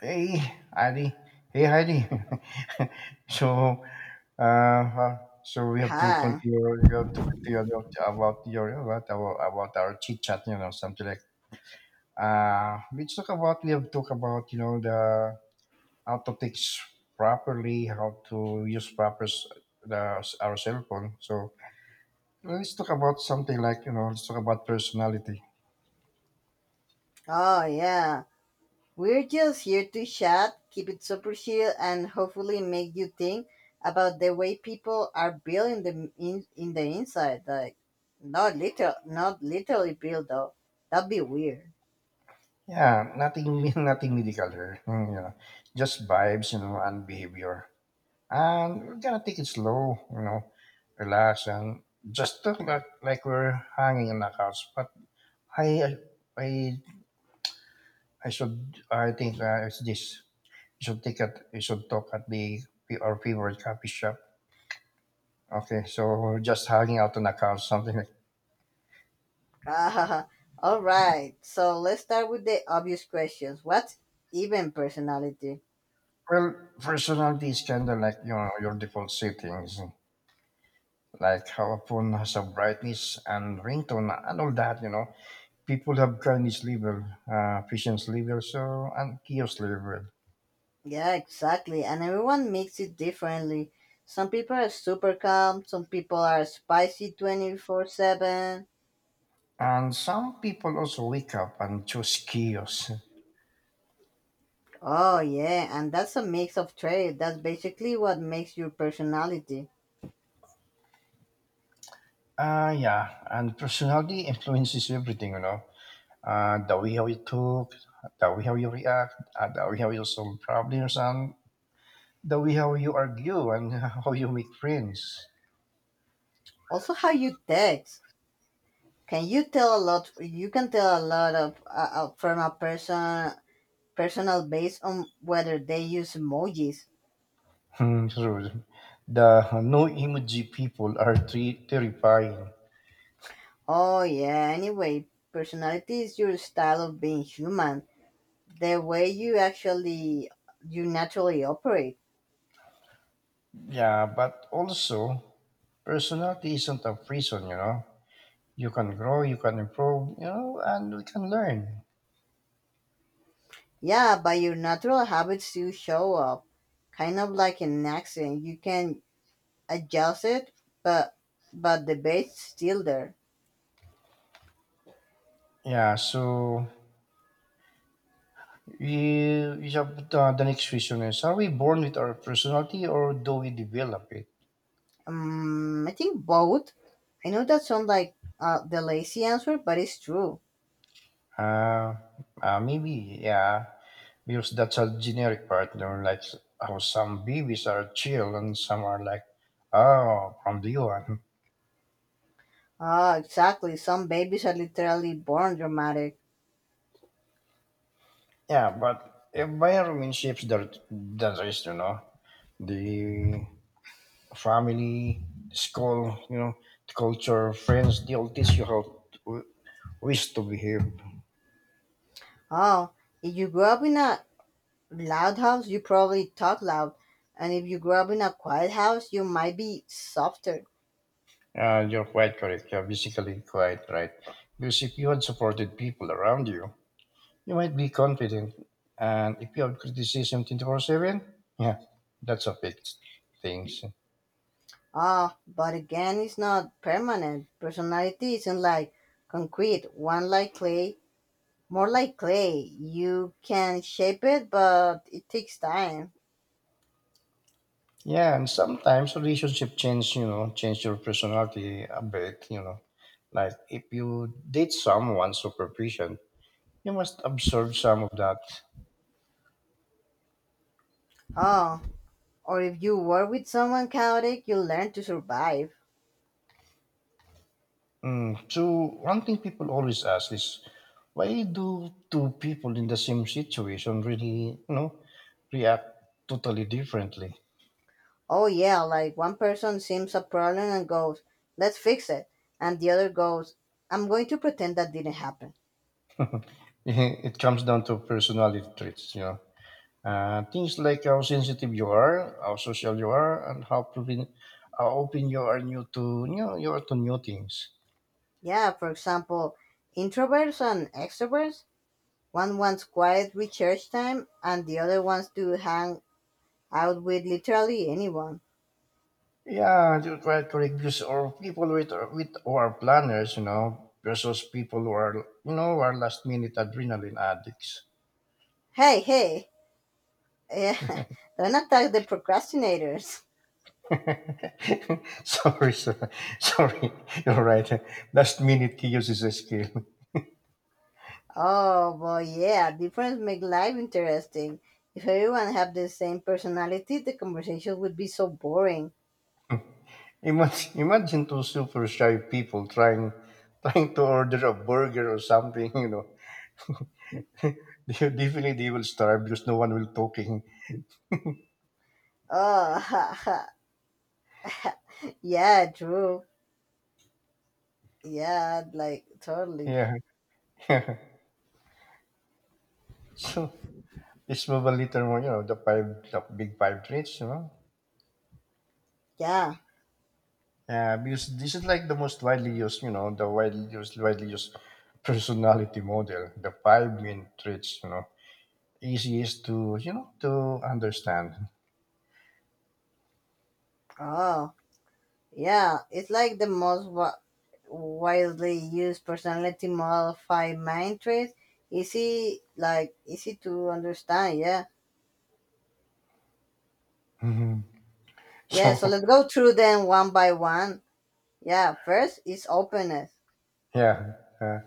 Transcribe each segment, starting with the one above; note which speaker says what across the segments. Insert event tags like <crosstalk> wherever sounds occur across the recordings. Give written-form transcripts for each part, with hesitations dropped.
Speaker 1: Hey, Heidi. Hey, Heidi. <laughs> so, uh, uh, so we have to
Speaker 2: Hi.
Speaker 1: continue. We have to continue about our chit chat. You know, something like we talk about. We have talk about, you know, the how to take s- properly, how to use proper s- the our cell phone. So let's talk about something like you know, let's talk about personality.
Speaker 2: Oh, yeah. We're just here to chat, keep it super chill, and hopefully make you think about the way people are built in the inside. Like, not literally built though. That'd be weird.
Speaker 1: Yeah, nothing, <laughs> nothing medical here. Just vibes, and behavior. And we're gonna take it slow, relax, and just talk like we're hanging on the couch. But I, I, I think it's this. You should take it. You should talk at the our favorite coffee shop. Okay, so we're just hanging out on the couch, something like.
Speaker 2: <laughs> All right. So let's start with the obvious questions. What's even personality?
Speaker 1: Well, personality is kind of like, your default settings, like how a phone has a brightness and ringtone and all that. You know, people have kindness level, patience level, so and chaos level.
Speaker 2: Yeah, exactly. And everyone makes it differently. Some people are super calm. Some people are spicy 24/7.
Speaker 1: And some people also wake up and choose chaos.
Speaker 2: Oh, yeah, and that's a mix of trade. That's basically what makes your personality.
Speaker 1: Yeah, and personality influences everything, you know. The way how you talk, the way how you react, the way how you solve problems, and the way how you argue and <laughs> how you make friends.
Speaker 2: Also, how you text. Can you tell a lot? You can tell a lot of from a person personal based on whether they use emojis.
Speaker 1: Hmm, true. The no emoji people are terrifying.
Speaker 2: Oh, yeah. Anyway, personality is your style of being human. The way you naturally operate.
Speaker 1: Yeah, but also, personality isn't a prison, you know. You can grow, you can improve, and we can learn.
Speaker 2: Yeah, by your natural habits you show up. Kind of like an accent. You can adjusted, but but the bait's still there.
Speaker 1: Yeah, so we have the next question is, are we born with our personality or do we develop it?
Speaker 2: I think both. I know that sounds like the lazy answer, but it's true.
Speaker 1: Uh, Maybe, yeah, because that's a generic part, you know, like how some babies are chill and some are like, oh, from the one.
Speaker 2: Ah, exactly. Some babies are literally born dramatic.
Speaker 1: Yeah, but environment shapes the rest, you know, the family, school, you know, the culture, friends, they'll teach you how to, ways to behave.
Speaker 2: Oh, if you grew up in a loud house, you probably talk loud, and if you grew up in a quiet house, you might be softer.
Speaker 1: You're quite correct. You're basically quite right. Because if you had supported people around you, you might be confident. And if you have criticism 24/7, yeah, that's a fixed things.
Speaker 2: Ah, but again, it's not permanent. Personality isn't like concrete. One like clay More like clay. You can shape it, but it takes time.
Speaker 1: Yeah, and sometimes relationship change, you know, change your personality a bit, you know. Like if you date someone superficial, you must absorb some of that.
Speaker 2: Oh, or if you work with someone chaotic, you learn to survive.
Speaker 1: So one thing people always ask is, why do two people in the same situation really, you know, react totally differently?
Speaker 2: Oh, yeah, like one person sees a problem and goes, let's fix it. And the other goes, I'm going to pretend that didn't happen.
Speaker 1: <laughs> It comes down to personality traits, you know, things like how sensitive you are, how social you are, and how open you are new to, you are to new things.
Speaker 2: Yeah, for example, introverts and extroverts. One wants quiet research time, and the other wants to hang out with literally anyone.
Speaker 1: Yeah, you try to reduce or people with who are planners, you know, versus people who are last minute adrenaline addicts.
Speaker 2: Hey, hey, <laughs> eh, don't attack the procrastinators.
Speaker 1: <laughs> Sorry, sir. Sorry. You're right. Last minute chaos is a skill.
Speaker 2: Oh, but yeah, difference make life interesting. If everyone had the same personality, the conversation would be so boring.
Speaker 1: Imagine two super shy people trying to order a burger or something, you know. <laughs> Definitely they will starve because no one will talking.
Speaker 2: Oh, <laughs> ha, ha, yeah, true. Yeah, like totally.
Speaker 1: Yeah. <laughs> So it's probably little more, you know, the big five traits, you know.
Speaker 2: Yeah.
Speaker 1: Yeah, because this is like the most widely used, you know, the widely used personality model, the five main traits, you know. Easiest to, to understand.
Speaker 2: Oh, yeah. It's like the most widely used personality modify mind trait. Easy, like easy to understand. Yeah.
Speaker 1: Mhm. <laughs>
Speaker 2: Yeah. So
Speaker 1: So
Speaker 2: let's go through them one by one. Yeah. First is openness.
Speaker 1: yeah,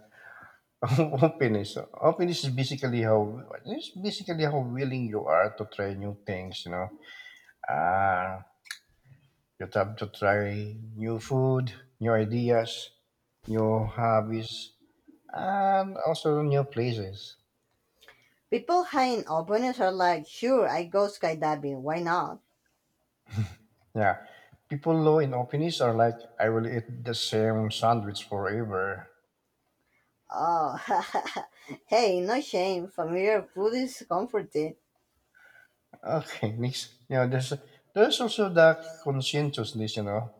Speaker 1: <laughs> openness. Openness is basically how It's basically how willing you are to try new things. You know, uh, you have to try new food, new ideas, new hobbies, and also new places.
Speaker 2: People high in openness are like, sure, I go skydiving, why not?
Speaker 1: Yeah, people low in openness are like, I will eat the same sandwich forever.
Speaker 2: Oh, <laughs> hey, no shame, familiar food is comforting.
Speaker 1: Okay, next, you know, there's also the conscientiousness, you know.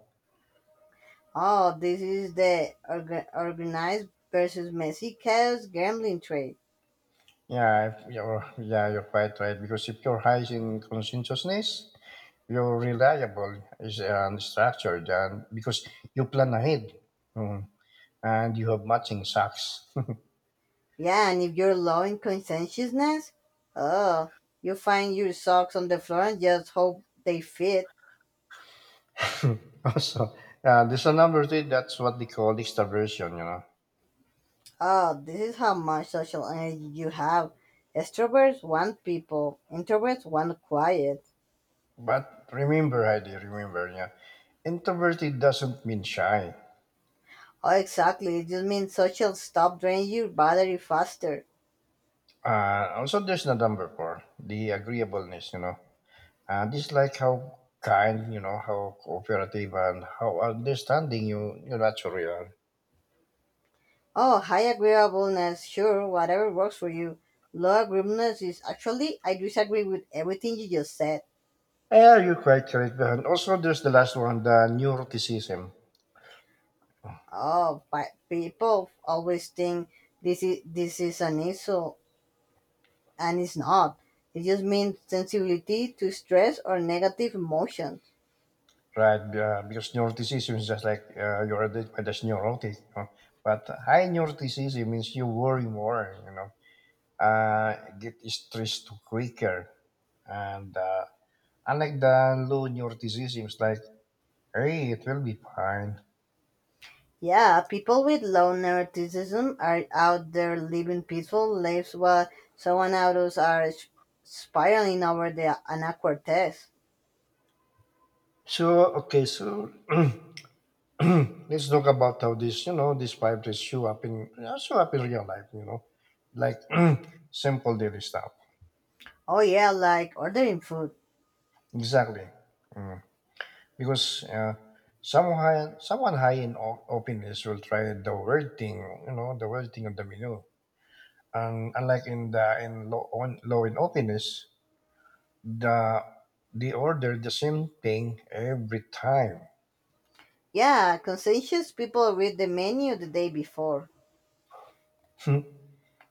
Speaker 2: Oh, this is the organized versus messy chaos gambling trade.
Speaker 1: Yeah, if you're yeah, you're quite right because if you're high in conscientiousness, you're reliable is and structured, and because you plan ahead, Mm. and you have matching socks.
Speaker 2: Yeah, and if you're low in conscientiousness, oh, you find your socks on the floor and just hope they fit.
Speaker 1: <laughs> Also, there's a number three. That's what they call extraversion, you know.
Speaker 2: Oh, this is how much social energy you have. Extroverts want people, introverts want quiet.
Speaker 1: But remember, Heidi, yeah, introverted doesn't mean shy.
Speaker 2: Oh, exactly. It just means social stop draining your battery faster.
Speaker 1: Also, there's the number four, the agreeableness, you know. And it's like how kind, you know, how cooperative and how understanding you naturally are.
Speaker 2: Oh, high agreeableness. Sure, whatever works for you. Low agreeableness is actually, I disagree with everything you just said.
Speaker 1: Yeah, you're quite correct. And also, there's the last one, the neuroticism,
Speaker 2: Oh, but people always think this is an issue, and it's not. It just means sensibility to stress or negative emotions.
Speaker 1: right? Because neuroticism is just like, you're identified as neurotic. You know? But high neuroticism means you worry more, you know, get stressed quicker. And unlike the low neuroticism, it's like, hey, it will be fine.
Speaker 2: Yeah, people with low neuroticism are out there living peaceful lives while someone others are spiraling over the an awkward test.
Speaker 1: So, okay, so <clears throat> <clears throat> let's talk about how this, you know, these priorities show up in, real life. You know, like <clears throat> simple daily stuff.
Speaker 2: Oh yeah, like ordering food.
Speaker 1: Exactly. Mm. Because someone high in openness will try the world thing, you know, the world thing of the menu. And unlike in the in low on low in openness, the they order the same thing every time.
Speaker 2: Yeah, conscientious people read the menu the day before.
Speaker 1: <laughs>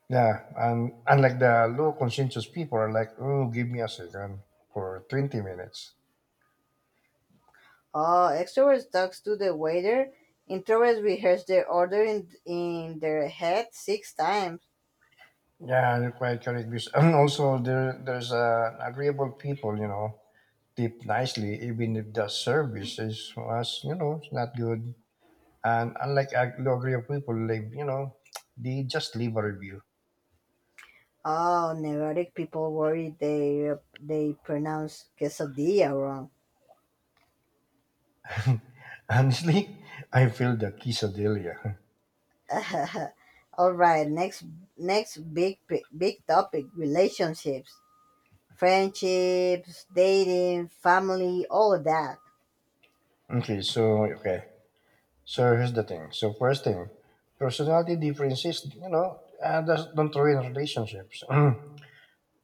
Speaker 1: Yeah, and unlike the low conscientious people are like, oh, give me a second for 20 minutes.
Speaker 2: Oh, extroverts talks to the waiter. Introverts rehearse their order in their head six times.
Speaker 1: Yeah, you're quite correct. <clears throat> And also, there's agreeable people, you know, tip nicely, even if the service was, you know, it's not good. And unlike low agreeable people, like, you know, they just leave a review.
Speaker 2: Oh, neurotic people worry they pronounce quesadilla wrong.
Speaker 1: <laughs> Honestly, I feel the quesadilla. <laughs>
Speaker 2: <laughs> All right, next big big topic: relationships, friendships, dating, family, all of that.
Speaker 1: Okay, so, okay. So here's the thing. So first thing, personality differences, you know, don't ruin relationships. <clears throat>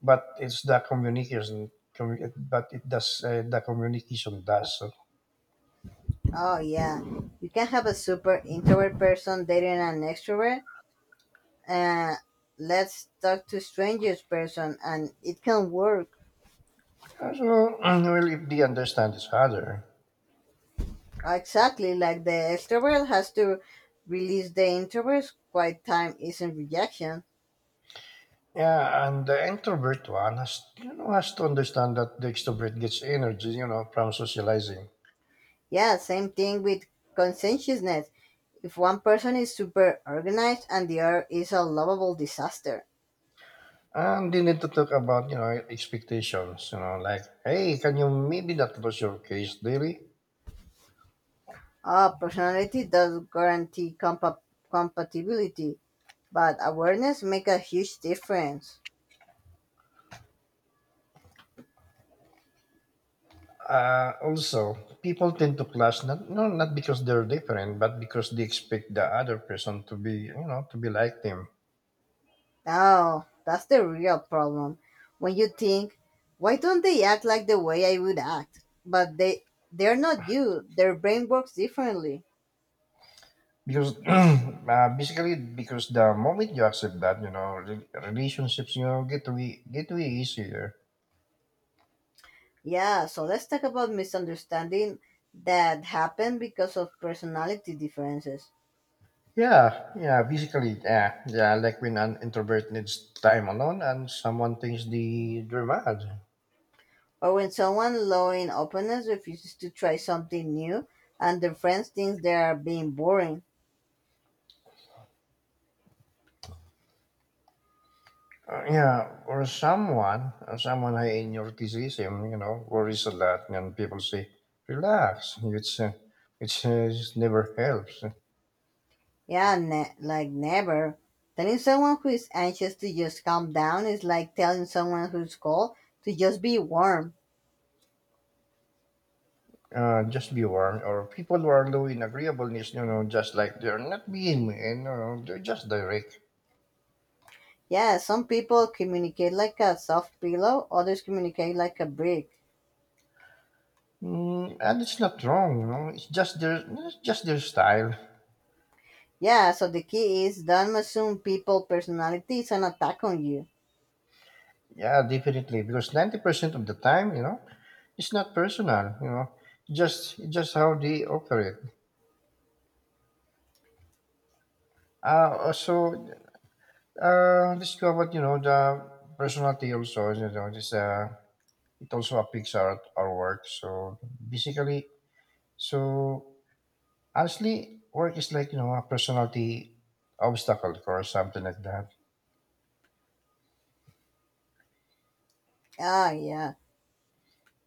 Speaker 1: But it's the communication. But it does, the communication does. So,
Speaker 2: Oh yeah, you can have a super introvert person dating an extrovert. Uh, let's talk to strangers person, and it can work
Speaker 1: so <clears throat> well, if they understand each other,
Speaker 2: exactly like the extrovert has to release the introvert's quiet time isn't rejection.
Speaker 1: yeah, and the introvert one has you know has to understand that the extrovert gets energy, you know, from socializing.
Speaker 2: Yeah, same thing with conscientiousness. If one person is super organized and the other is a lovable disaster.
Speaker 1: And they need to talk about, you know, expectations, you know, like, hey, can you maybe not close your case daily?
Speaker 2: Ah, personality does guarantee compatibility, but awareness make a huge difference.
Speaker 1: Also, people tend to clash not because they're different, but because they expect the other person to be like them.
Speaker 2: Now, that's the real problem. When you think, why don't they act like the way I would act? But they're not you. Their brain works differently.
Speaker 1: Because <clears throat> basically, because the moment you accept that, you know, relationships, get way easier.
Speaker 2: Yeah, so let's talk about misunderstanding that happen because of personality differences.
Speaker 1: Yeah, yeah, basically, yeah, yeah. Like when an introvert needs time alone, and someone thinks they're mad.
Speaker 2: Or when someone low in openness refuses to try something new and their friends think they are being boring.
Speaker 1: Yeah, or someone high in your decision, you know, worries a lot, and people say, "Relax," which just never helps.
Speaker 2: Yeah, like never. Telling someone who is anxious to just calm down is like telling someone who's cold to just be warm.
Speaker 1: Just be warm. Or people who are low in agreeableness, you know, just like they're not being mean, you know, they're just direct,
Speaker 2: Yeah, some people communicate like a soft pillow, others communicate like a brick.
Speaker 1: and it's not wrong, you know, it's just their style.
Speaker 2: Yeah, so the key is don't assume people personality is an attack on you.
Speaker 1: Yeah, definitely, because 90% of the time, you know, it's not personal, you know, just how they operate. Uh, so Discovered, you know, the personality also, you know, this, it also affects our work. So basically, so actually, work is like, you know, a personality obstacle or something like that.
Speaker 2: Ah, yeah,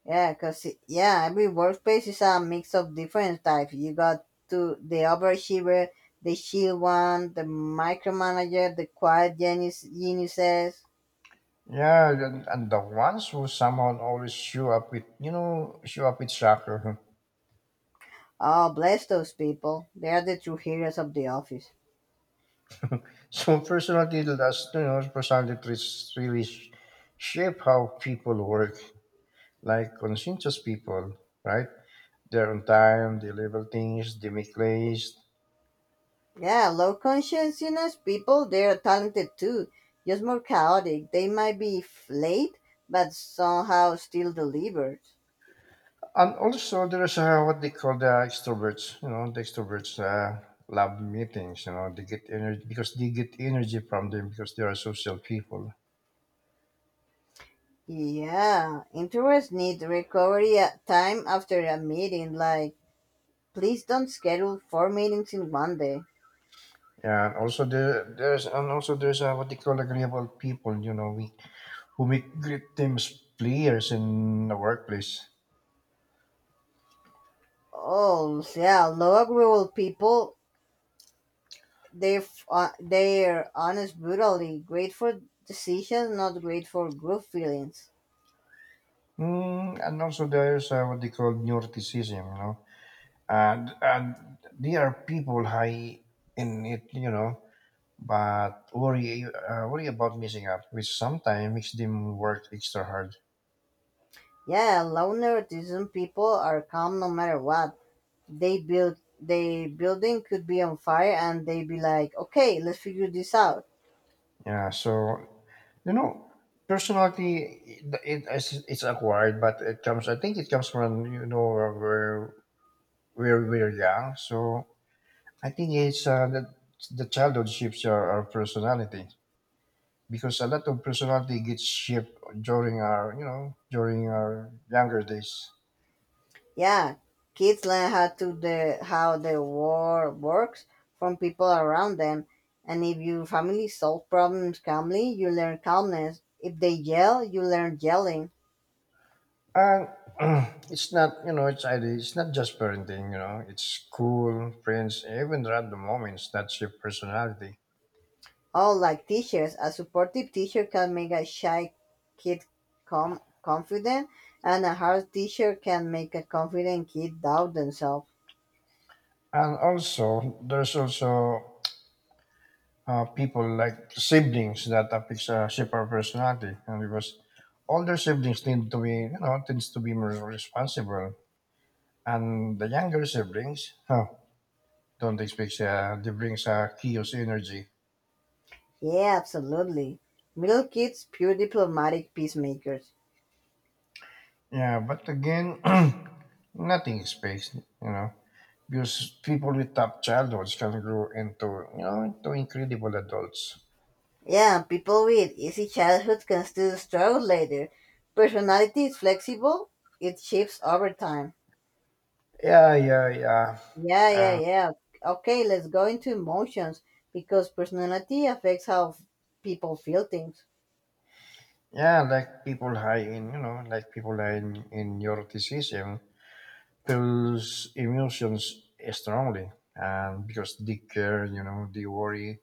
Speaker 2: yeah, because yeah, every workspace is a mix of different types. You got to the overachiever, the shield one, the micromanager, the quiet genius, geniuses.
Speaker 1: Yeah, and the ones who somehow always show up with shocker. <laughs>
Speaker 2: Oh, bless those people. They are the true heroes of the office.
Speaker 1: So personality, that's, you know, personality traits really shape how people work, like conscientious people, right? They're on time, they deliver things, they make plays.
Speaker 2: Yeah, low consciousness people, they are talented too, just more chaotic. They might be late, but somehow still delivered.
Speaker 1: And also, there's what they call the extroverts. You know, the extroverts love meetings. You know, they get energy because they get energy from them because they are social people.
Speaker 2: Yeah, interest need recovery time after a meeting. Like, please don't schedule four meetings in one day.
Speaker 1: Yeah, and also there's what they call agreeable people. You know, we who make great teams players in the workplace.
Speaker 2: Oh, yeah, low agreeable people, they they're honest, brutally great for decisions, not great for group feelings.
Speaker 1: And also there's what they call neuroticism. You know, and they are people high in it. You know, but worry about messing up, which sometimes makes them work extra hard.
Speaker 2: Yeah, low neuroticism people are calm no matter what. They building could be on fire, and they be like, okay, let's figure this out.
Speaker 1: Yeah, so you know, personality it's acquired, but it comes. I think it comes from, you know, where where we're young. So I think it's that the childhood shapes our personality because a lot of personality gets shaped during our you know during our younger days.
Speaker 2: Yeah, kids learn how the world works from people around them, and if your family solves problems calmly, you learn calmness. If they yell, you learn yelling.
Speaker 1: And <clears throat> it's not, you know, it's ID. It's not just parenting, you know. It's school, friends, even random moments that shape personality.
Speaker 2: Oh, like teachers, a supportive teacher can make a shy kid confident, and a hard teacher can make a confident kid doubt themselves.
Speaker 1: And also, there's also people like siblings that affects shape our personality, and because older siblings tend to be, you know, tends to be more responsible, and the younger siblings, don't expect they brings chaos energy.
Speaker 2: Yeah, absolutely. Middle kids, pure diplomatic peacemakers.
Speaker 1: Yeah, but again, <clears throat> nothing is fixed, you know. Because people with tough childhoods can grow into you know into incredible adults.
Speaker 2: Yeah, and people with easy childhoods can still struggle later. Personality is flexible, it shifts over time.
Speaker 1: Yeah, yeah, yeah.
Speaker 2: Yeah, yeah,
Speaker 1: Uh,
Speaker 2: yeah. Okay, let's go into emotions because personality affects how people feel things.
Speaker 1: yeah, like people high in neuroticism feels emotions strongly, and because they care, you know, they worry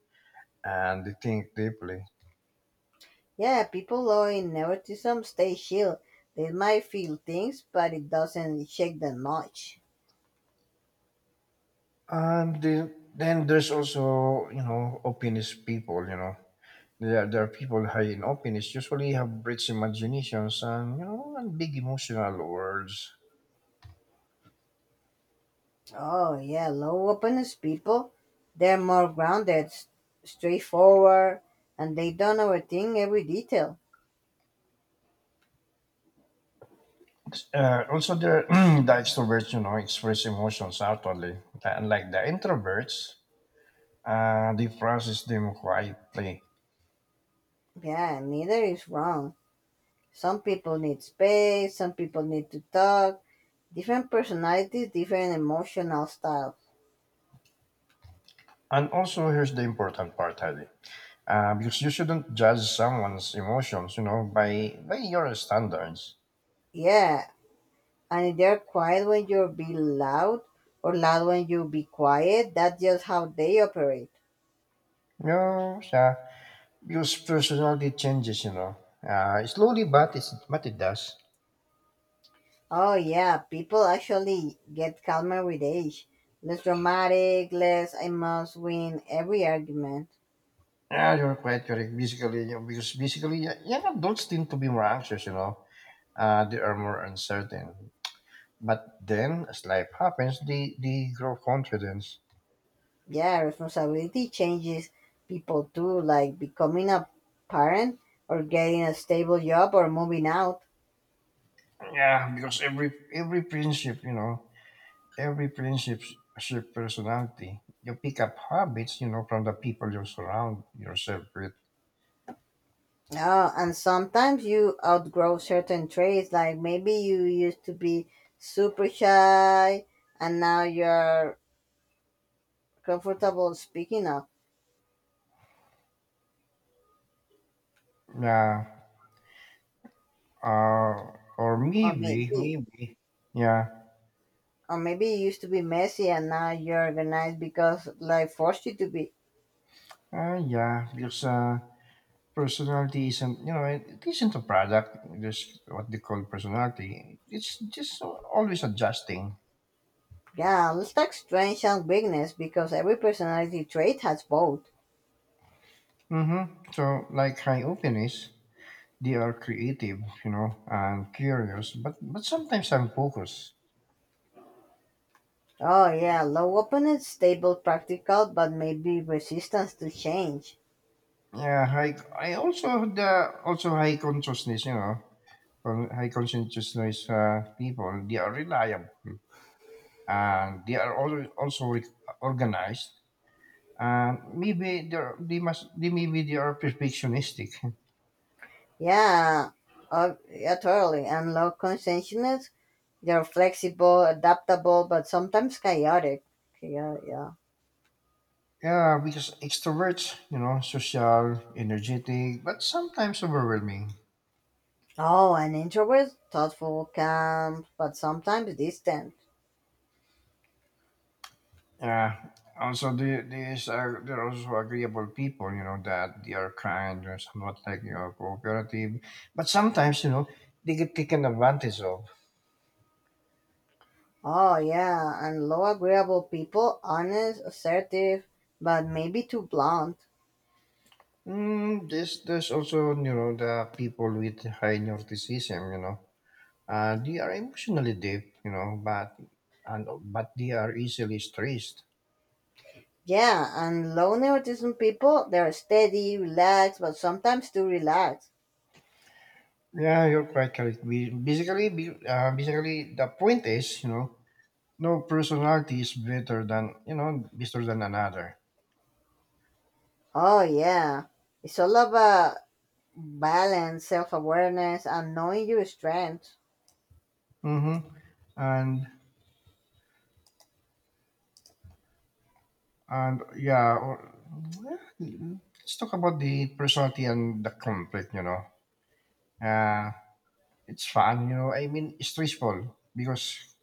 Speaker 1: and they think deeply.
Speaker 2: Yeah, people who in neuroticism stay chill. They might feel things, but it doesn't shake them much.
Speaker 1: And then there's also, you know, opinist people, you know, yeah, there are people high in openness usually have rich imaginations and, and big emotional worlds.
Speaker 2: Oh, yeah, low openness people, they're more grounded, straightforward, and they don't overthink every detail.
Speaker 1: Also, there <clears throat> the extroverts express emotions outwardly, unlike the introverts. They process them quietly.
Speaker 2: Yeah, neither is wrong. Some people need space, some people need to talk. Different personalities, different emotional styles.
Speaker 1: And also, here's the important part, Ali, because you shouldn't judge someone's emotions, by your standards.
Speaker 2: Yeah, and if they're quiet when you be loud, or loud when you be quiet, that's just how they operate.
Speaker 1: No, know, because personality changes, slowly, but it does.
Speaker 2: Oh, yeah, people actually get calmer with age. Less dramatic, less I must win every argument.
Speaker 1: Yeah, you're quite correct. Basically, because basically, yeah, yeah, adults tend to be more anxious. They are more uncertain. But then, as life happens, they grow confidence.
Speaker 2: Yeah, responsibility changes people too, like becoming a parent or getting a stable job or moving out.
Speaker 1: Yeah, because every friendship, every friendship shape personality. You pick up habits, from the people you surround yourself with.
Speaker 2: Uh, and sometimes you outgrow certain traits, like maybe you used to be super shy and now you're comfortable speaking up,
Speaker 1: Yeah. Uh, or
Speaker 2: or
Speaker 1: maybe,
Speaker 2: maybe
Speaker 1: maybe. Yeah.
Speaker 2: or maybe you used to be messy and now you're organized because life forced you to be.
Speaker 1: Yeah, because Personality isn't, it isn't a product. Just what they call personality. It's just always adjusting.
Speaker 2: Yeah, let's talk strengths and weakness because every personality trait has both.
Speaker 1: Mm-hmm. So, like high openness, they are creative, and curious, but sometimes I'm focused.
Speaker 2: Oh yeah, low opponent, stable, practical, but maybe resistance to change.
Speaker 1: Yeah, high. I also high consciousness, high consciousness people. They are reliable, and they are also organized. And maybe they must they maybe they are perfectionistic. <laughs>
Speaker 2: Yeah, yeah, totally. And low consciousness, they're flexible, adaptable, but sometimes chaotic. Yeah, yeah.
Speaker 1: Yeah, because extroverts, social, energetic, but sometimes overwhelming.
Speaker 2: Oh, and introvert, thoughtful, calm, but sometimes distant.
Speaker 1: Yeah. Also, these are they're also agreeable people, that they are kind or somewhat like cooperative, but sometimes they get taken advantage of.
Speaker 2: Oh yeah, and low agreeable people, honest, assertive, but maybe too blunt.
Speaker 1: This there's also the people with high narcissism, they are emotionally deep, but and but they are easily stressed.
Speaker 2: Yeah, and low neuroticism people, they're steady, relaxed, but sometimes too relaxed.
Speaker 1: Yeah, you're quite correct. Basically, the point is, no personality is better than better than another.
Speaker 2: Oh, yeah. It's all about balance, self awareness, and knowing your strengths.
Speaker 1: hmm And and yeah, or, yeah, let's talk about the personality and the conflict. Uh, it's fun. You know, I mean, it's stressful because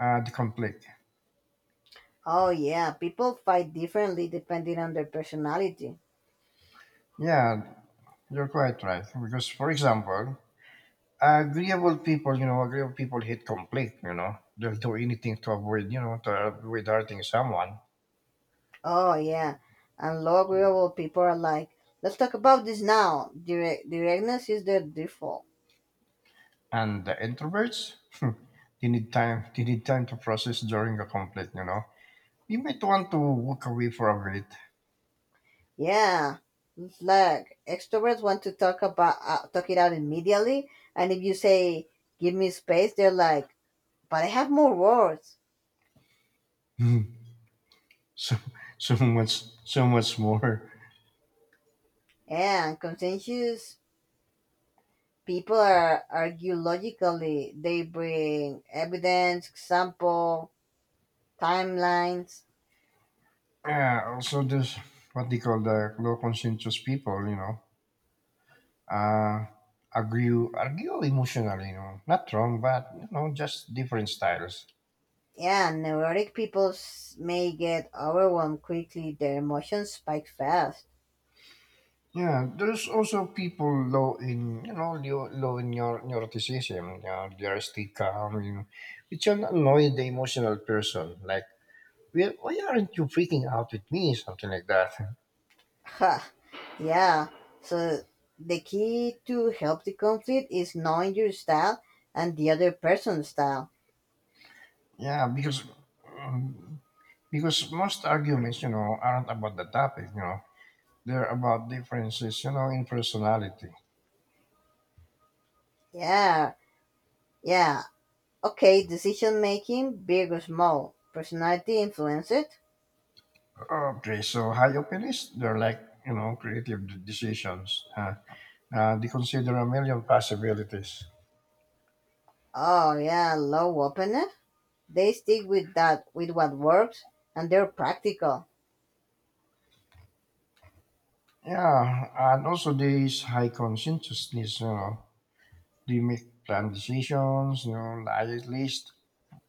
Speaker 1: the conflict.
Speaker 2: Oh, yeah. People fight differently depending on their personality.
Speaker 1: Yeah, you're quite right. Because, for example, agreeable people, agreeable people hate conflict, you know. They'll do anything to avoid, to avoid hurting someone.
Speaker 2: Oh, yeah. And low agreeable people are like, let's talk about this now. Directness is their default.
Speaker 1: And the introverts, <laughs> they need time. They need time to process during a conflict, you know. You might want to walk away for a bit.
Speaker 2: Yeah. It's like extroverts want to talk about talk it out immediately, and if you say, give me space, they're like, but I have more words.
Speaker 1: <laughs> so, so much more.
Speaker 2: Yeah, and conscientious people are argue logically. They bring evidence, example, timelines.
Speaker 1: Yeah, also there's what they call the low conscientious people, you know. Uh, argue emotionally, you know. Not wrong, but, you know, just different styles.
Speaker 2: Yeah, neurotic people may get overwhelmed quickly. Their emotions spike fast.
Speaker 1: Yeah, there's also people low in you know low, low in neuroticism. Yeah, they're still calm, which can annoy the emotional person. Like, well, why aren't you freaking out with me? Something like that.
Speaker 2: Ha, yeah. So the key to help the conflict is knowing your style and the other person's style.
Speaker 1: Yeah, um, because most arguments, aren't about the topic. You know, they're about differences. You know, in personality.
Speaker 2: Yeah, yeah. Okay, decision making, big or small. Personality influence it.
Speaker 1: Okay, so high opinions, they're like creative decisions. They consider a million possibilities.
Speaker 2: Oh yeah, low openness. They stick with with what works, and they're practical.
Speaker 1: Yeah, and also this high conscientiousness, they make plan decisions, diet list,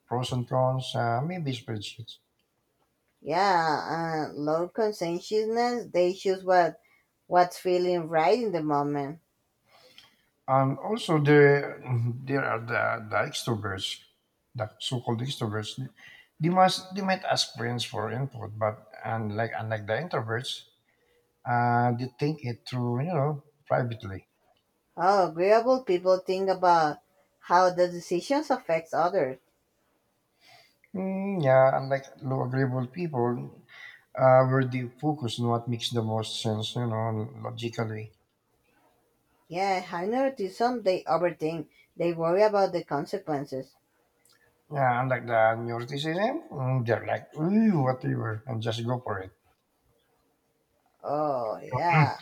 Speaker 1: pros and cons, maybe spreadsheets.
Speaker 2: Yeah, and low conscientiousness, they choose what's feeling right in the moment.
Speaker 1: And also <laughs> there are the extroverts, the so-called extroverts. They might ask friends for input, but unlike the introverts, they think it through, privately.
Speaker 2: How agreeable people think about how the decisions affects others.
Speaker 1: Mm, yeah, unlike low agreeable people, where they focus on what makes the most sense, logically.
Speaker 2: Yeah, high neuroticism, they overthink. They worry about the consequences.
Speaker 1: Yeah, unlike the neuroticism, mm, they're like, ooh, whatever, and just go for it.
Speaker 2: Oh yeah.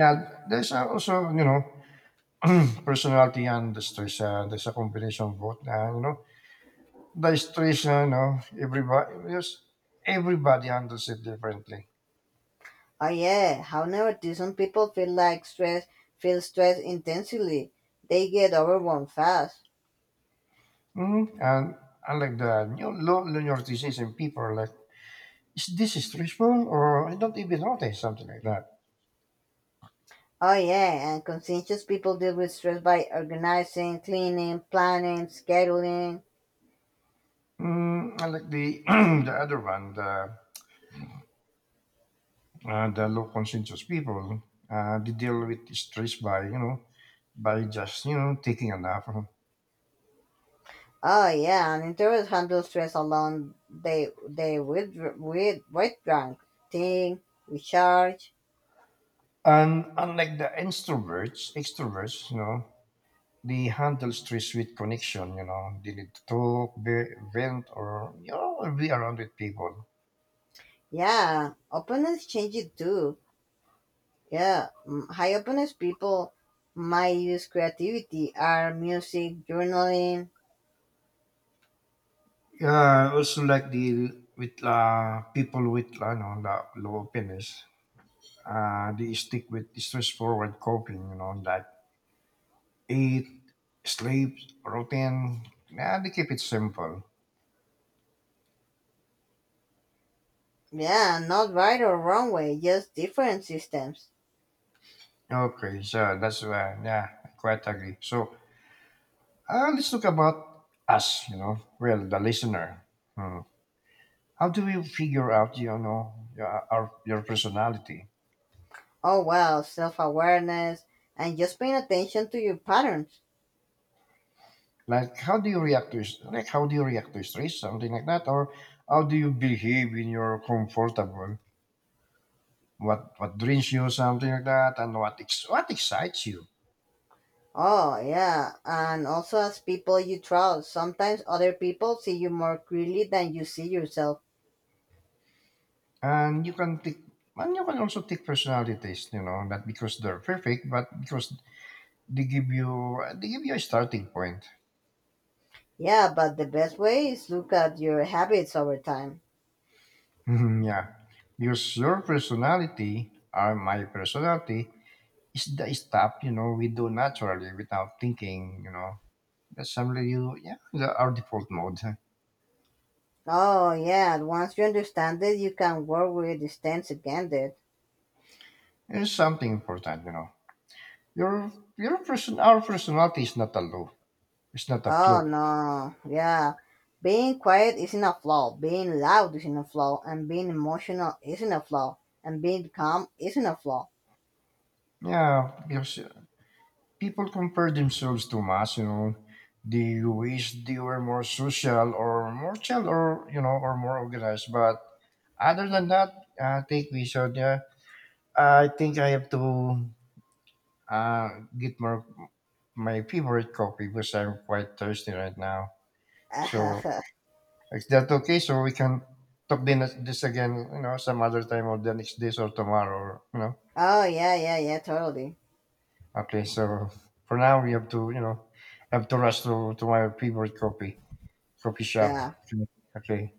Speaker 1: Yeah, there's also, <clears throat> personality and the stress. There's a combination of both. The stress, you know, everybody, yes, everybody handles it differently.
Speaker 2: Oh yeah. How neuroticism people feel like stress feel stress intensely. They get overwhelmed fast.
Speaker 1: Mm, and unlike the new low neuroticism, people are like, is this stressful? Or I don't even notice, something like that.
Speaker 2: Oh yeah, and conscientious people deal with stress by organizing, cleaning, planning, scheduling.
Speaker 1: Mm, I like the <clears throat> the other one, the low conscientious people, they deal with stress by by just taking a nap.
Speaker 2: Oh yeah, and introverts handle stress alone. They with drunk, think, recharge.
Speaker 1: And unlike the introverts, extroverts, they handle stress with connection. You know, they need to talk, vent, or you know, be around with people.
Speaker 2: Yeah, openness changes too. Yeah, mm, high openness people might use creativity, art, music, journaling.
Speaker 1: Yeah, also like the with people with the low openness, they stick with stress forward coping. You know, like eat, sleep, routine. Yeah, they keep it simple.
Speaker 2: Yeah, not right or wrong way, just different systems.
Speaker 1: Okay, so that's yeah, I quite agree. So let's talk about us, well, the listener. Hmm. How do you figure out, your personality?
Speaker 2: Oh, wow, self awareness and just paying attention to your patterns.
Speaker 1: Like, how do you react to like how do you react to stress, something like that, or how do you behave when you're comfortable? What drains you, something like that, and what what excites you?
Speaker 2: Oh, yeah, and also as people you trust. Sometimes other people see you more clearly than you see yourself.
Speaker 1: And you can take and you can also take personalities, not because they're perfect, but because they give you a starting point.
Speaker 2: Yeah, but the best way is look at your habits over time.
Speaker 1: Mhm, yeah. Because your personality or my personality is the stuff, we do naturally without thinking, you know. That's something you yeah, our default mode.
Speaker 2: Oh, yeah, once you understand it, you can work with distance against it.
Speaker 1: It's something important, you know. Your your person our personality is not a low. It's not a
Speaker 2: Oh,
Speaker 1: flu.
Speaker 2: no, yeah. Being quiet isn't a flaw, being loud isn't a flaw, and being emotional isn't a flaw, and being calm isn't a flaw.
Speaker 1: Yeah, because people compare themselves too much they wish they were more social or more chill or more organized but other than that I think we should. Yeah, I think I have to uh, get more my favorite coffee because I'm quite thirsty right now, so
Speaker 2: <laughs>
Speaker 1: is that okay so we can talk then this again, some other time or the next days or tomorrow or, you know.
Speaker 2: Oh yeah, yeah, yeah, totally.
Speaker 1: Okay, so for now we have to have to rush to my favorite coffee copy shop.
Speaker 2: Yeah.
Speaker 1: Okay.